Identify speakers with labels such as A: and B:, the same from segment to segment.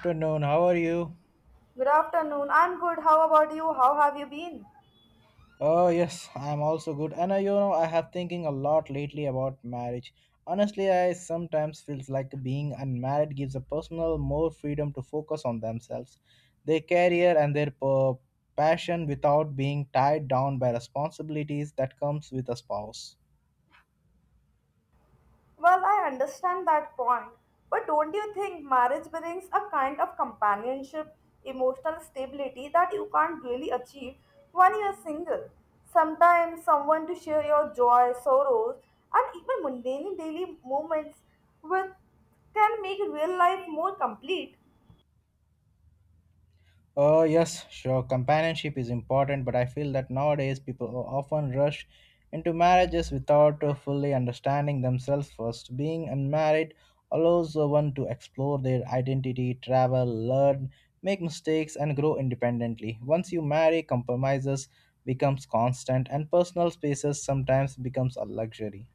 A: Afternoon, how are you?
B: Good afternoon. I'm good. How about you? How have you been?
A: Oh yes, I'm also good, and you know, I have thinking a lot lately about marriage. Honestly, I sometimes feels like being unmarried gives a personal more freedom to focus on themselves, their career, and their passion without being tied down by responsibilities that comes with a spouse.
B: Well, I understand that point. But don't you think marriage brings a kind of companionship, emotional stability that you can't really achieve when you're single? Sometimes someone to share your joy, sorrows, and even mundane daily moments with can make real life more complete.
A: Yes, sure. Companionship is important, but I feel that nowadays people often rush into marriages without fully understanding themselves first. Being unmarried allows one to explore their identity, travel, learn, make mistakes, and grow independently. Once you marry, compromises becomes constant, and personal spaces sometimes becomes a luxury.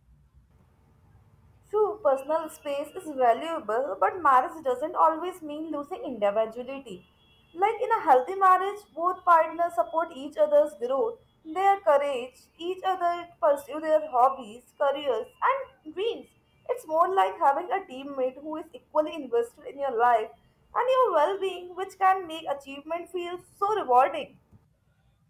B: True, personal space is valuable, but marriage doesn't always mean losing individuality. Like in a healthy marriage, both partners support each other's growth, their courage, each other pursue their hobbies, careers, and dreams. It's more like having a teammate who is equally invested in your life and your well being, which can make achievement feel so rewarding.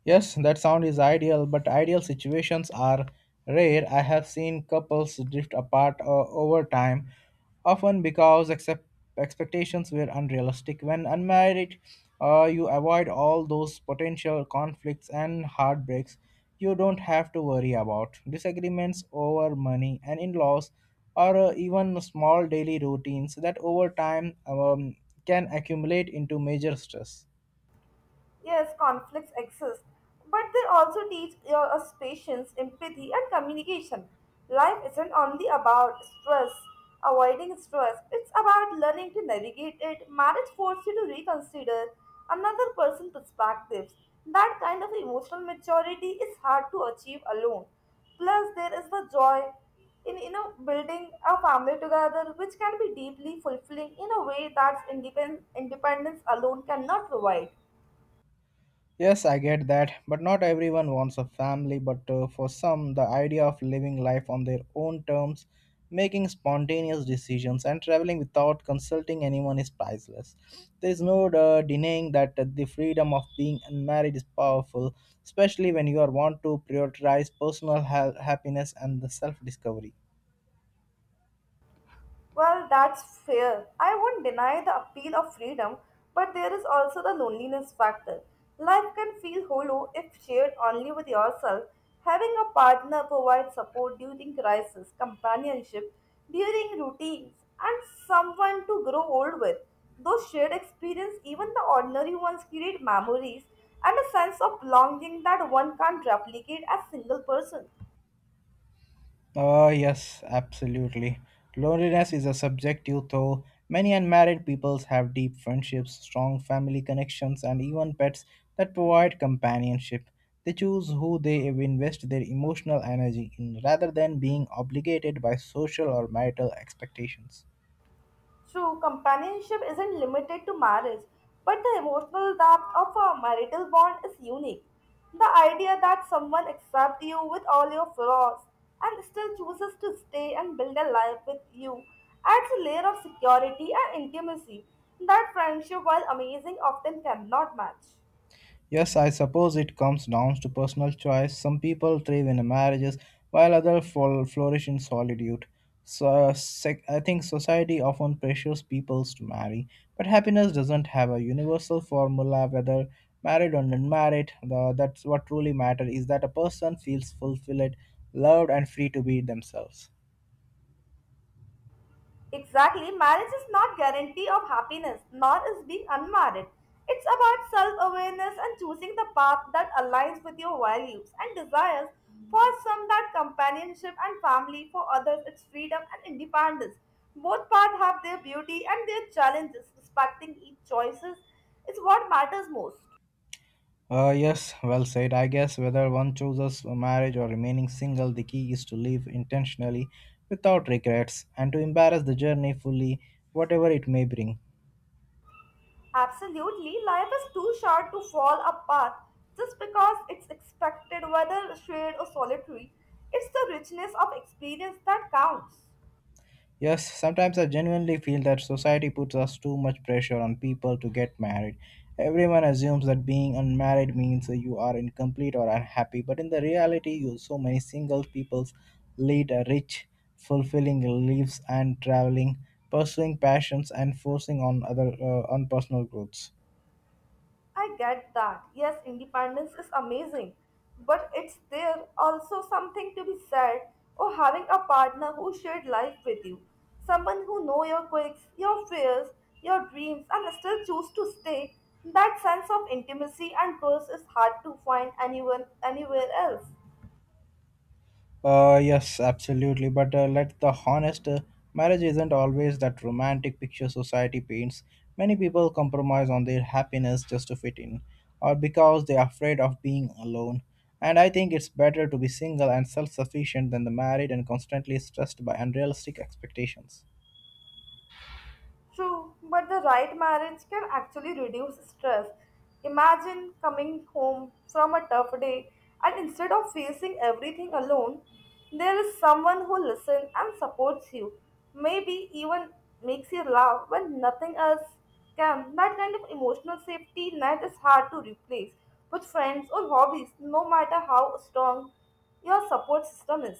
A: Yes, that sound is ideal, but ideal situations are rare. I have seen couples drift apart over time, often because expectations were unrealistic. When unmarried, you avoid all those potential conflicts and heartbreaks you don't have to worry about. Disagreements over money and in laws, or even small daily routines that over time can accumulate into major stress.
B: Yes, conflicts exist, but they also teach us patience, empathy, and communication. Life isn't only about stress, avoiding stress, it's about learning to navigate it. Marriage forces you to reconsider another person's perspectives. That kind of emotional maturity is hard to achieve alone. Plus, there is the joy in building a family together, which can be deeply fulfilling in a way that independence alone cannot provide.
A: Yes, I get that, but not everyone wants a family, but for some, the idea of living life on their own terms, making spontaneous decisions, and traveling without consulting anyone is priceless. There is no denying that the freedom of being unmarried is powerful, especially when you are want to prioritize personal happiness and the self-discovery.
B: Well, that's fair. I won't deny the appeal of freedom, but there is also the loneliness factor. Life can feel hollow if shared only with yourself. Having a partner provides support during crisis, companionship, during routines, and someone to grow old with. Those shared experience, even the ordinary ones, create memories and a sense of belonging that one can't replicate as single person.
A: Oh, yes, absolutely. Loneliness is a subjective though. Many unmarried peoples have deep friendships, strong family connections, and even pets that provide companionship. They choose who they invest their emotional energy in rather than being obligated by social or marital expectations.
B: True, companionship isn't limited to marriage, but the emotional depth of a marital bond is unique. The idea that someone accepts you with all your flaws and still chooses to stay and build a life with you adds a layer of security and intimacy that friendship, while amazing, often cannot match.
A: Yes, I suppose it comes down to personal choice. Some people thrive in marriages, while others flourish in solitude. So, I think society often pressures people to marry, but happiness doesn't have a universal formula. Whether married or unmarried, that's what truly matters: is that a person feels fulfilled, loved, and free to be themselves.
B: Exactly, marriage is not guarantee of happiness, nor is being unmarried. It's about self-awareness and choosing the path that aligns with your values and desires. For some, that companionship and family. For others, it's freedom and independence. Both paths have their beauty and their challenges. Respecting each choices is what matters most.
A: Yes, well said. I guess whether one chooses a marriage or remaining single, the key is to live intentionally without regrets and to embrace the journey fully, whatever it may bring.
B: Absolutely, life is too short to fall apart just because it's expected, whether shared or solitary. It's the richness of experience that counts.
A: Yes, sometimes I genuinely feel that society puts us too much pressure on people to get married. Everyone assumes that being unmarried means you are incomplete or unhappy, but in the reality, you so many single people lead a rich, fulfilling lives and traveling, pursuing passions and forcing on other on personal growths.
B: I get that. Yes, independence is amazing, but it's there also something to be said or having a partner who shared life with you. Someone who know your quirks, your fears, your dreams and still choose to stay. That sense of intimacy and trust is hard to find anyone anywhere else.
A: Yes, absolutely. But let the honest, marriage isn't always that romantic picture society paints. Many people compromise on their happiness just to fit in, or because they're afraid of being alone. And I think it's better to be single and self sufficient than the married and constantly stressed by unrealistic expectations.
B: True, but the right marriage can actually reduce stress. Imagine coming home from a tough day and instead of facing everything alone, there is someone who listens and supports you. Maybe even makes you laugh when nothing else can. That kind of emotional safety net is hard to replace with friends or hobbies, no matter how strong your support system is.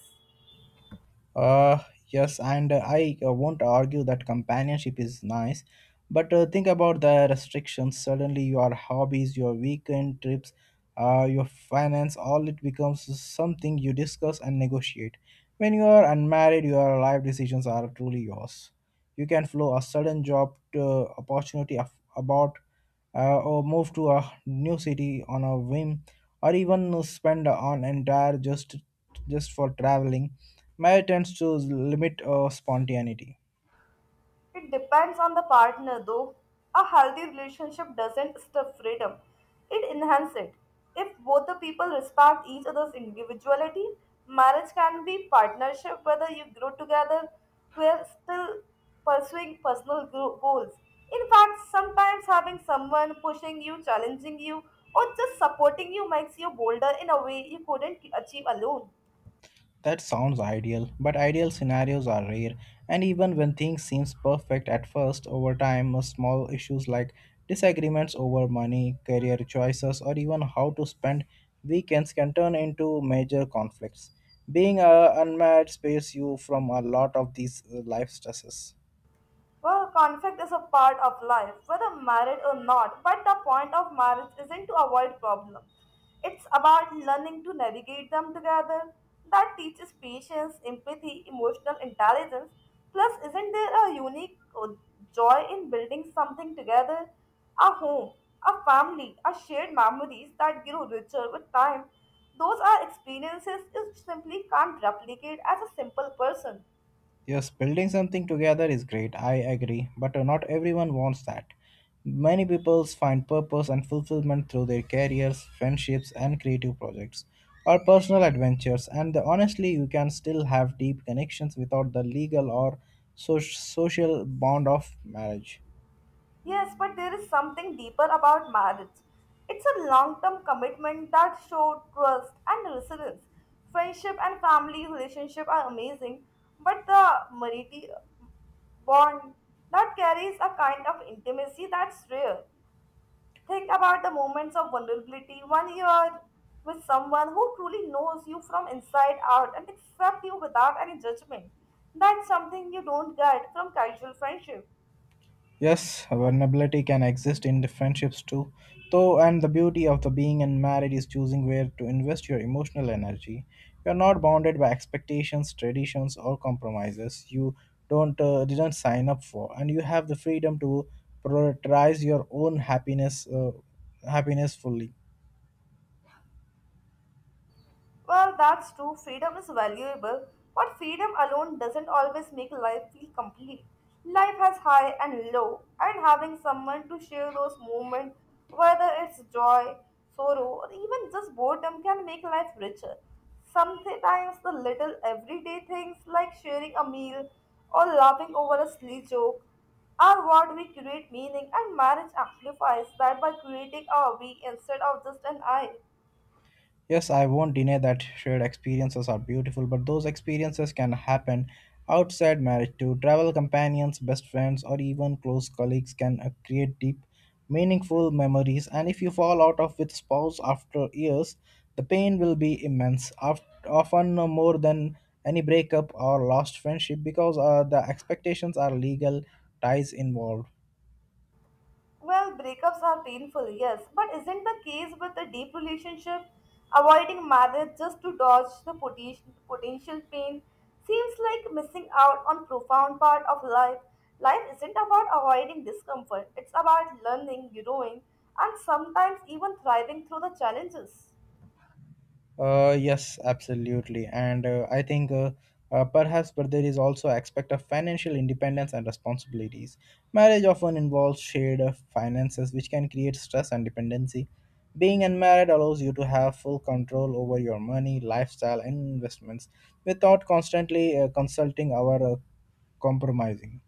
A: Uh, yes, and I won't argue that companionship is nice, but think about the restrictions. Suddenly, your hobbies, your weekend trips, your finance, all it becomes something you discuss and negotiate. When you are unmarried, your life decisions are truly yours. You can flow a sudden job to opportunity of, about or move to a new city on a whim or even spend an entire just for traveling Maya tends to limit spontaneity.
B: It depends on the partner, though. A healthy relationship doesn't stuff freedom, it enhances it. If both the people respect each other's individuality, marriage can be partnership whether you grow together while still pursuing personal goals. In fact, sometimes having someone pushing you, challenging you, or just supporting you makes you bolder in a way you couldn't achieve alone.
A: That sounds ideal, but ideal scenarios are rare, and even when things seem perfect at first, over time, small issues like disagreements over money, career choices, or even how to spend weekends can turn into major conflicts. Being a unmarried space you from a lot of these life stresses.
B: Well, conflict is a part of life, whether married or not, but the point of marriage isn't to avoid problems. It's about learning to navigate them together. That teaches patience, empathy, emotional intelligence. Plus, isn't there a unique joy in building something together? A home, a family, a shared memories that grow richer with time. Those are experiences you simply can't replicate as a simple person.
A: Yes, building something together is great, I agree, but not everyone wants that. Many people find purpose and fulfillment through their careers, friendships, and creative projects, or personal adventures, and honestly, you can still have deep connections without the legal or social bond of marriage.
B: Yes, but there is something deeper about marriage. It's a long term commitment that shows trust and resilience. Friendship and family relationship are amazing, but the marital bond that carries a kind of intimacy that's rare. Think about the moments of vulnerability when you are with someone who truly knows you from inside out and accepts you without any judgment. That's something you don't get from casual friendship.
A: Yes, vulnerability can exist in the friendships too, though, and the beauty of the being in marriage is choosing where to invest your emotional energy. You're not bounded by expectations, traditions, or compromises you don't didn't sign up for, and you have the freedom to prioritize your own happiness happiness fully.
B: Well, that's true. Freedom is valuable, but freedom alone doesn't always make life feel complete. Life has high and low, and having someone to share those moments, whether it's joy, sorrow, or even just boredom, can make life richer. Sometimes the little everyday things like sharing a meal or laughing over a silly joke are what we create meaning, and marriage amplifies that by creating a we instead of just an I.
A: Yes, I won't deny that shared experiences are beautiful, but those experiences can happen outside marriage too. Travel companions, best friends, or even close colleagues can create deep, meaningful memories. And if you fall out of with spouse after years, the pain will be immense, often more than any breakup or lost friendship, because the expectations are legal ties involved.
B: Well, breakups are painful, yes, but isn't the case with a deep relationship? Avoiding marriage just to dodge the potential pain seems like missing out on profound part of life. Life isn't about avoiding discomfort; it's about learning, growing, and sometimes even thriving through the challenges.
A: Yes, absolutely, and I think perhaps, but there is also aspect of financial independence and responsibilities. Marriage often involves shared finances, which can create stress and dependency. Being unmarried allows you to have full control over your money, lifestyle, and investments without constantly consulting our compromising.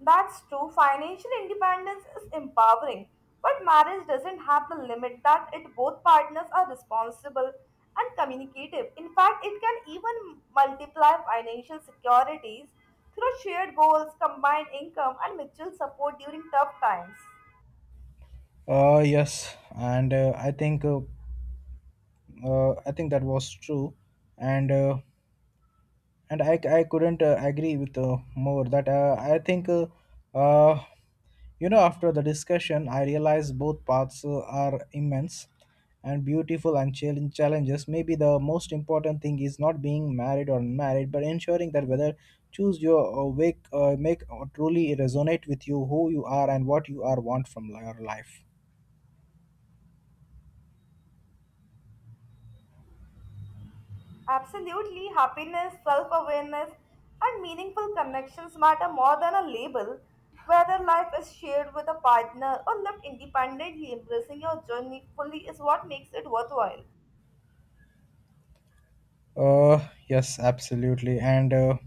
B: That's true. Financial independence is empowering, but marriage doesn't have the limit that it both partners are responsible and communicative. In fact, it can even multiply financial securities through shared goals, combined income, and mutual support during tough times.
A: Yes, and I think that was true, and. Uh, and I couldn't agree with more that I think uh, you know, after the discussion I realized both paths are immense and beautiful and challenges. Maybe the most important thing is not being married or unmarried, but ensuring that whether choose your wake make or truly resonate with you who you are and what you are want from your life.
B: Absolutely, happiness, self awareness, and meaningful connections matter more than a label. Whether life is shared with a partner or lived independently, embracing your journey fully is what makes it worthwhile.
A: Yes, absolutely. And uh,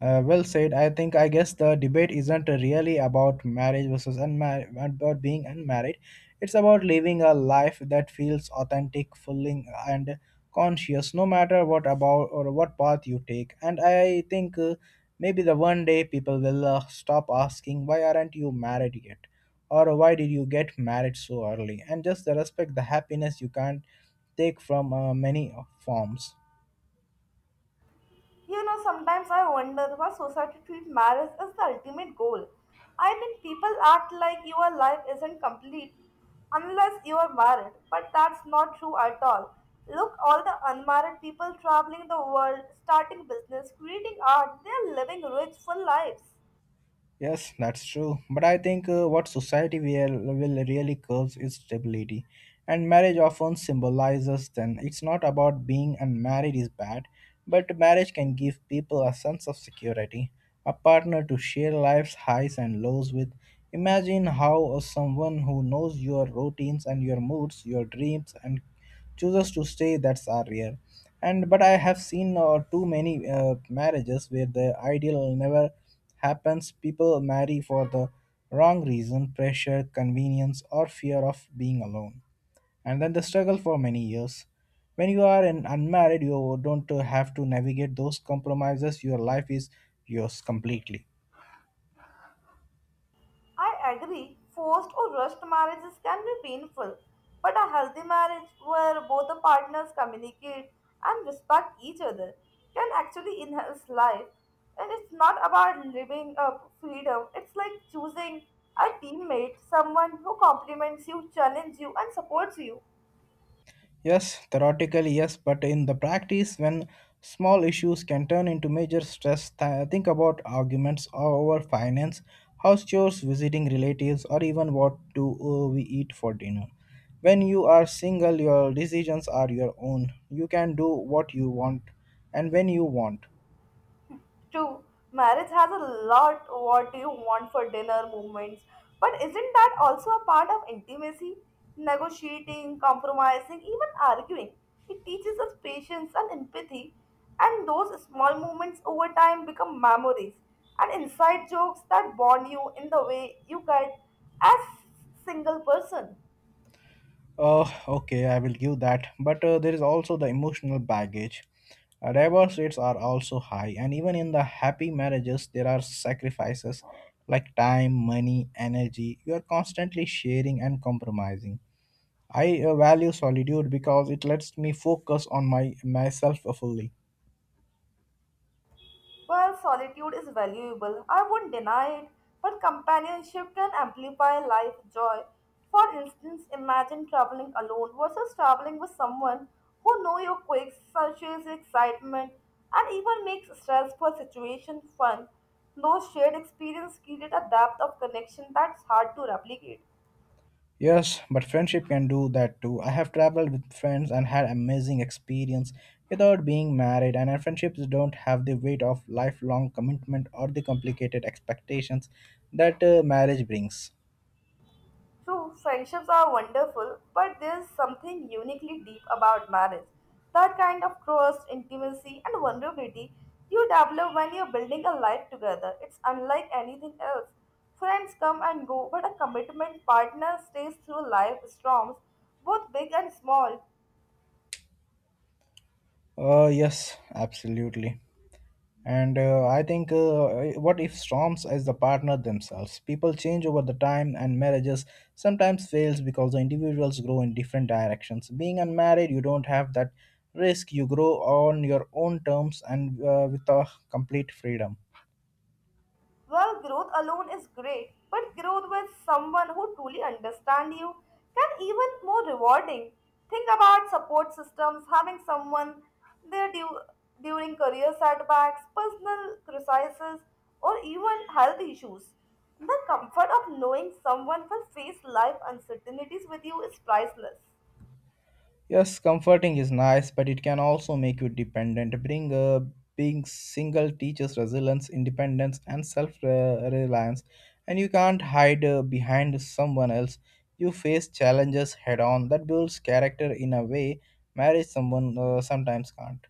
A: uh, well said. I think, I guess the debate isn't really about marriage versus unmarried, about being unmarried. It's about living a life that feels authentic, fulfilling, and conscious, no matter what about or what path you take. And I think maybe the one day people will stop asking, "Why aren't you married yet?" Or "Why did you get married so early?" And just respect the happiness you can't take from many forms.
B: You know, sometimes I wonder why society treats marriage as the ultimate goal. I mean, people act like your life isn't complete unless you are married, but that's not true at all. Look, all the unmarried people traveling the world, starting business, creating art, they're living rich, full lives.
A: Yes, that's true. But I think what society will really curves is stability. And marriage often symbolizes then it's not about being unmarried is bad, but marriage can give people a sense of security, a partner to share life's highs and lows with. Imagine how someone who knows your routines and your moods, your dreams, and chooses to stay, that's are rare, and but I have seen too many marriages where the ideal never happens. People marry for the wrong reason: pressure, convenience, or fear of being alone, and then the struggle for many years. When you are an unmarried, you don't have to navigate those compromises. Your life is yours completely.
B: I agree, forced or rushed marriages can be painful, but a healthy marriage where both the partners communicate and respect each other can actually enhance life. And it's not about living up freedom, it's like choosing a teammate, someone who compliments you, challenges you, and supports you.
A: Yes, theoretically, yes, but in the practice, when small issues can turn into major stress, think about arguments over finance, house chores, visiting relatives, or even what do we eat for dinner. When you are single, your decisions are your own. You can do what you want and when you want.
B: True, marriage has a lot what do you want for dinner moments, but isn't that also a part of intimacy? Negotiating, compromising, even arguing. It teaches us patience and empathy, and those small moments over time become memories and inside jokes that bond you in the way you get as single person.
A: Okay, I will give that. But there is also the emotional baggage. Divorce rates are also high, and even in the happy marriages, there are sacrifices like time, money, energy. You are constantly sharing and compromising. I value solitude because it lets me focus on my myself fully.
B: While solitude is valuable, I won't deny it, but companionship can amplify life's joy. For instance, imagine traveling alone versus traveling with someone who knows your quirks, searches excitement, and even makes stressful situations fun. Those shared experiences create a depth of connection that's hard to replicate.
A: Yes, but friendship can do that too. I have traveled with friends and had amazing experience without being married, and our friendships don't have the weight of lifelong commitment or the complicated expectations that marriage brings.
B: True, friendships are wonderful, but there's something uniquely deep about marriage. That kind of trust, intimacy, and vulnerability you develop when you're building a life together. It's unlike anything else. Friends come and go, but a commitment partner stays through life storms, both big and small.
A: Oh, yes, absolutely. And what if storms as the partner themselves? People change over the time, and marriages sometimes fails because the individuals grow in different directions. Being unmarried, you don't have that risk. You grow on your own terms and with a complete freedom.
B: Well, growth alone is great, but growth with someone who truly understands you can even more rewarding. Think about support systems, having someone there during career setbacks, personal crises, or even health issues. The comfort of knowing someone will face life uncertainties with you is priceless.
A: Yes, comforting is nice, but it can also make you dependent. Being single teaches resilience, independence, and self-reliance, and you can't hide behind someone else. You face challenges head-on. That builds character in a way marriage someone sometimes can't.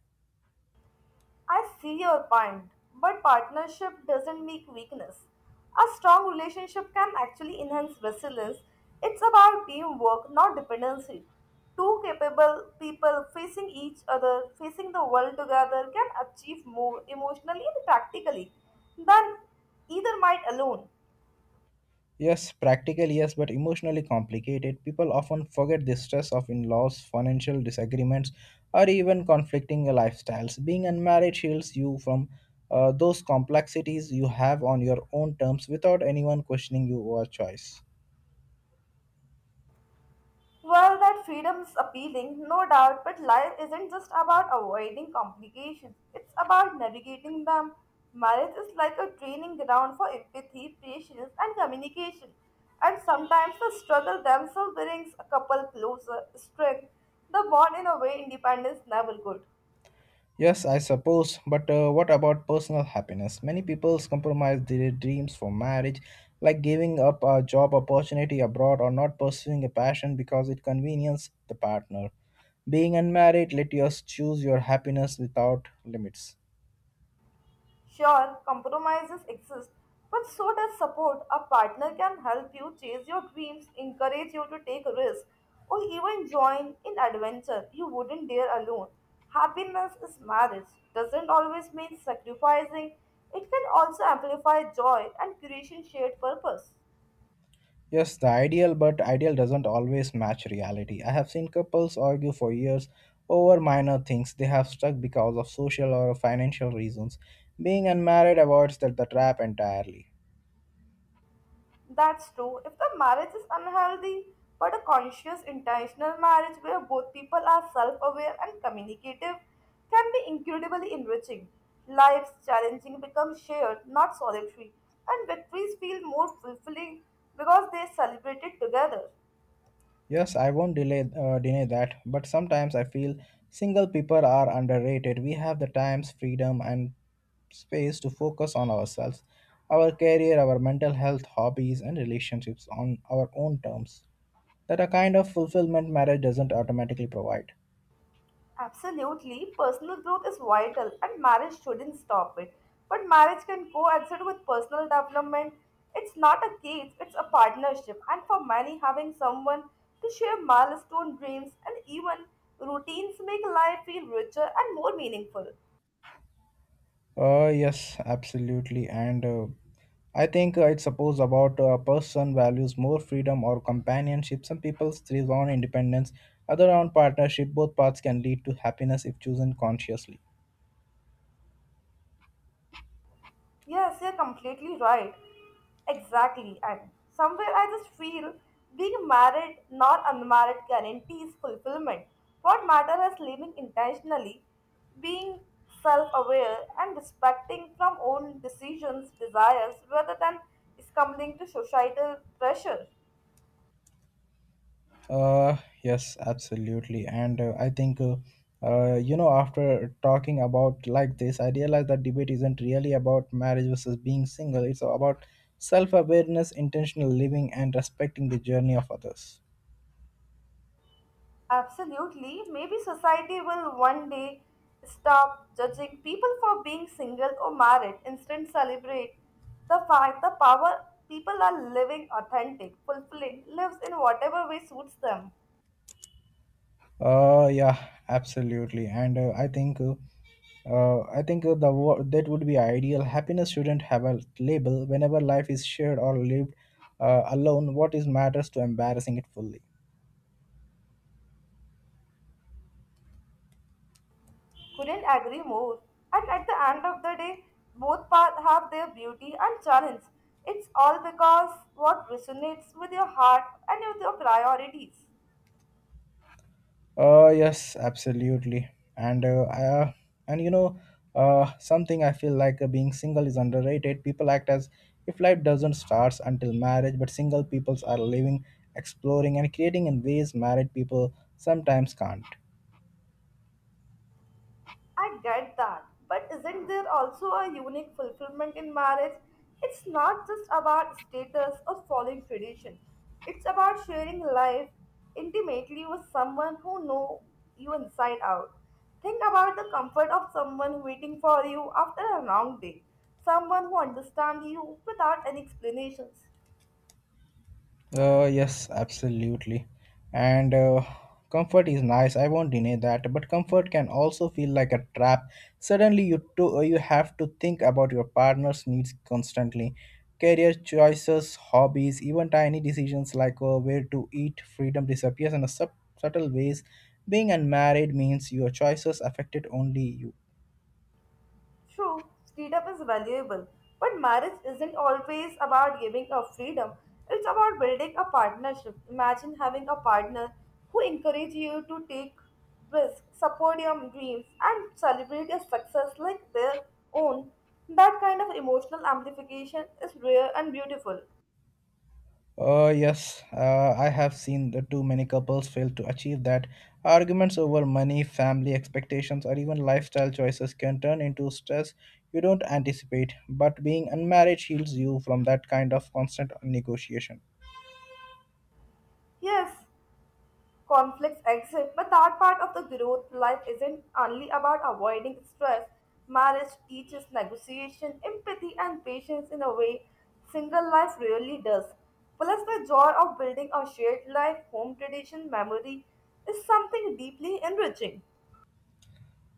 B: I see your point, but partnership doesn't make weakness. A strong relationship can actually enhance resilience. It's about teamwork, not dependency. Two capable people facing each other, facing the world together, can achieve more emotionally and practically than either might alone.
A: Yes, practical, yes, but emotionally complicated. People often forget the stress of in laws, financial disagreements, or even conflicting lifestyles. Being unmarried shields you from those complexities you have on your own terms without anyone questioning your choice.
B: Well, that freedom's appealing, no doubt, but life isn't just about avoiding complications, it's about navigating them. Marriage is like a training ground for empathy, patience, and communication. And sometimes the struggle themselves brings a couple closer, strength the bond in a way independence never could.
A: Yes, I suppose, but what about personal happiness? Many people compromise their dreams for marriage, like giving up a job opportunity abroad or not pursuing a passion because it conveniences the partner. Being unmarried let you choose your happiness without limits.
B: Sure, compromises exist, but so does support. A partner can help you chase your dreams, encourage you to take risks, or even join in adventure you wouldn't dare alone. Happiness is marriage. Doesn't always mean sacrificing. It can also amplify joy and creation shared purpose.
A: Yes, the ideal, but ideal doesn't always match reality. I have seen couples argue for years over minor things they have stuck because of social or financial reasons. Being unmarried avoids that the trap entirely.
B: That's true. If the marriage is unhealthy, but a conscious, intentional marriage where both people are self aware and communicative can be incredibly enriching. Life's challenging become shared, not solitary, and victories feel more fulfilling because they are celebrated together.
A: Yes, I won't deny that, but sometimes I feel single people are underrated. We have the times, freedom, and space to focus on ourselves, our career, our mental health, hobbies, and relationships on our own terms that a kind of fulfillment marriage doesn't automatically provide.
B: Absolutely, personal growth is vital and marriage shouldn't stop it. But marriage can coexist with personal development. It's not a cage, it's a partnership. And for many, having someone to share milestone dreams and even routines make life feel richer and more meaningful.
A: Yes, absolutely. And I think it suppose about a person values more freedom or companionship. Some people thrive on independence, other on partnership. Both paths can lead to happiness if chosen consciously.
B: Yes, you're completely right. Exactly. And somewhere I just feel being married, not unmarried, guarantees fulfillment. What matters is living intentionally, being self aware, and respecting from own decisions, desires, rather than succumbing to societal pressure.
A: Uh, yes, absolutely. And you know, after talking about like this, I realized that debate isn't really about marriage versus being single. It's about self-awareness, intentional living, and respecting the journey of others.
B: Absolutely. Maybe society will one day stop judging people for being single or married. Instead, celebrate the fact the power people are living authentic, fulfilling lives in whatever way suits them.
A: Yeah, absolutely. And I think the wo- that would be ideal. Happiness shouldn't have a label. Whenever life is shared or lived alone, what is matters to embarrassing it fully.
B: Couldn't agree more. And at the end of the day, both paths have their beauty and challenge. It's all because what resonates with your heart and with your priorities.
A: Yes, absolutely. And you know, something I feel like being single is underrated. People act as if life doesn't start until marriage, but single peoples are living, exploring, and creating in ways married people sometimes can't.
B: I get that, but isn't there also a unique fulfillment in marriage? It's not just about status or following tradition. It's about sharing life intimately with someone who know you inside out. Think about the comfort of someone waiting for you after a long day, someone who understands you without any explanations.
A: Yes, absolutely. And comfort is nice. I won't deny that. But comfort can also feel like a trap. Suddenly, you have to think about your partner's needs constantly. Career choices, hobbies, even tiny decisions like where to eat, freedom disappears in a subtle ways. Being unmarried means your choices affected only you.
B: True, freedom is valuable, but marriage isn't always about giving up freedom. It's about building a partnership. Imagine having a partner who encourages you to take risks, support your dreams, and celebrate your success like their own. That kind of emotional amplification is rare and beautiful.
A: Yes, I have seen the too many couples fail to achieve that. Arguments over money, family expectations, or even lifestyle choices can turn into stress you don't anticipate, but being unmarried shields you from that kind of constant negotiation.
B: Yes, conflicts exist, but that part of the growth life isn't only about avoiding stress. Marriage teaches negotiation, empathy, and patience in a way single life really does. Plus, the joy of building a shared life, home tradition, memory is something deeply enriching.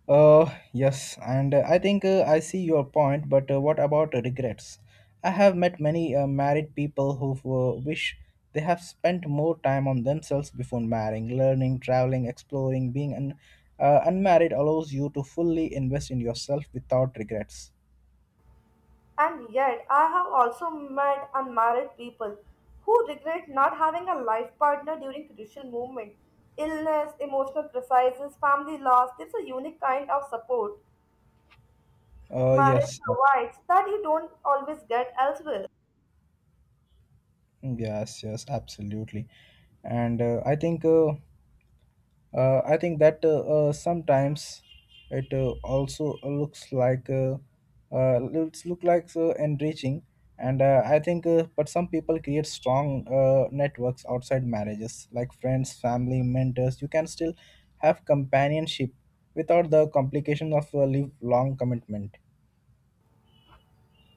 A: Uh, yes, and I see your point, but what about regrets? I have met many married people who wish they have spent more time on themselves before marrying. Learning, traveling, exploring, unmarried allows you to fully invest in yourself without regrets.
B: And yet, I have also met unmarried people who regret not having a life partner during crucial moments illness, emotional crises, family loss. There's a unique kind of support
A: Uh,
B: marriage
A: yes,
B: provides that you don't always get elsewhere.
A: yes, absolutely. And I think that sometimes it also looks like look like so enriching, and but some people create strong networks outside marriages, like friends, family, mentors. You can still have companionship without the complication of a live long commitment.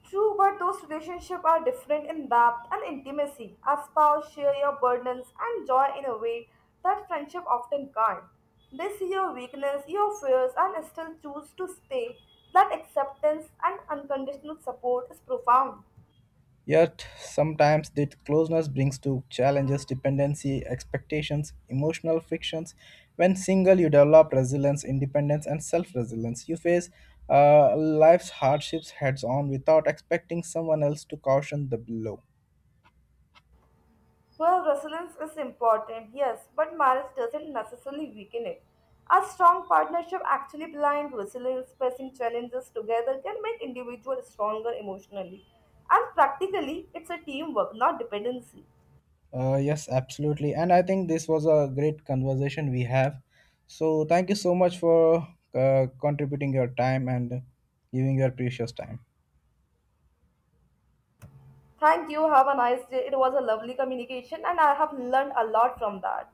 B: True, but those relationships are different in depth and intimacy. A spouse share your burdens and joy in a way that friendship often can't. They see your weakness, your fears, and still choose to stay. That acceptance and unconditional support is profound.
A: Yet, sometimes that closeness brings to challenges, dependency, expectations, emotional frictions. When single, you develop resilience, independence, and self resilience. You face life's hardships heads on without expecting someone else to caution the blow.
B: Well, resilience is important, yes, but marriage doesn't necessarily weaken it. A strong partnership, actually blind resilience, facing challenges together can make individuals stronger emotionally. And practically, it's a teamwork, not dependency.
A: Yes, absolutely. And I think this was a great conversation we have. So, thank you so much for contributing your time and giving your precious time.
B: Thank you. Have a nice day. It was a lovely communication, and I have learned a lot from that.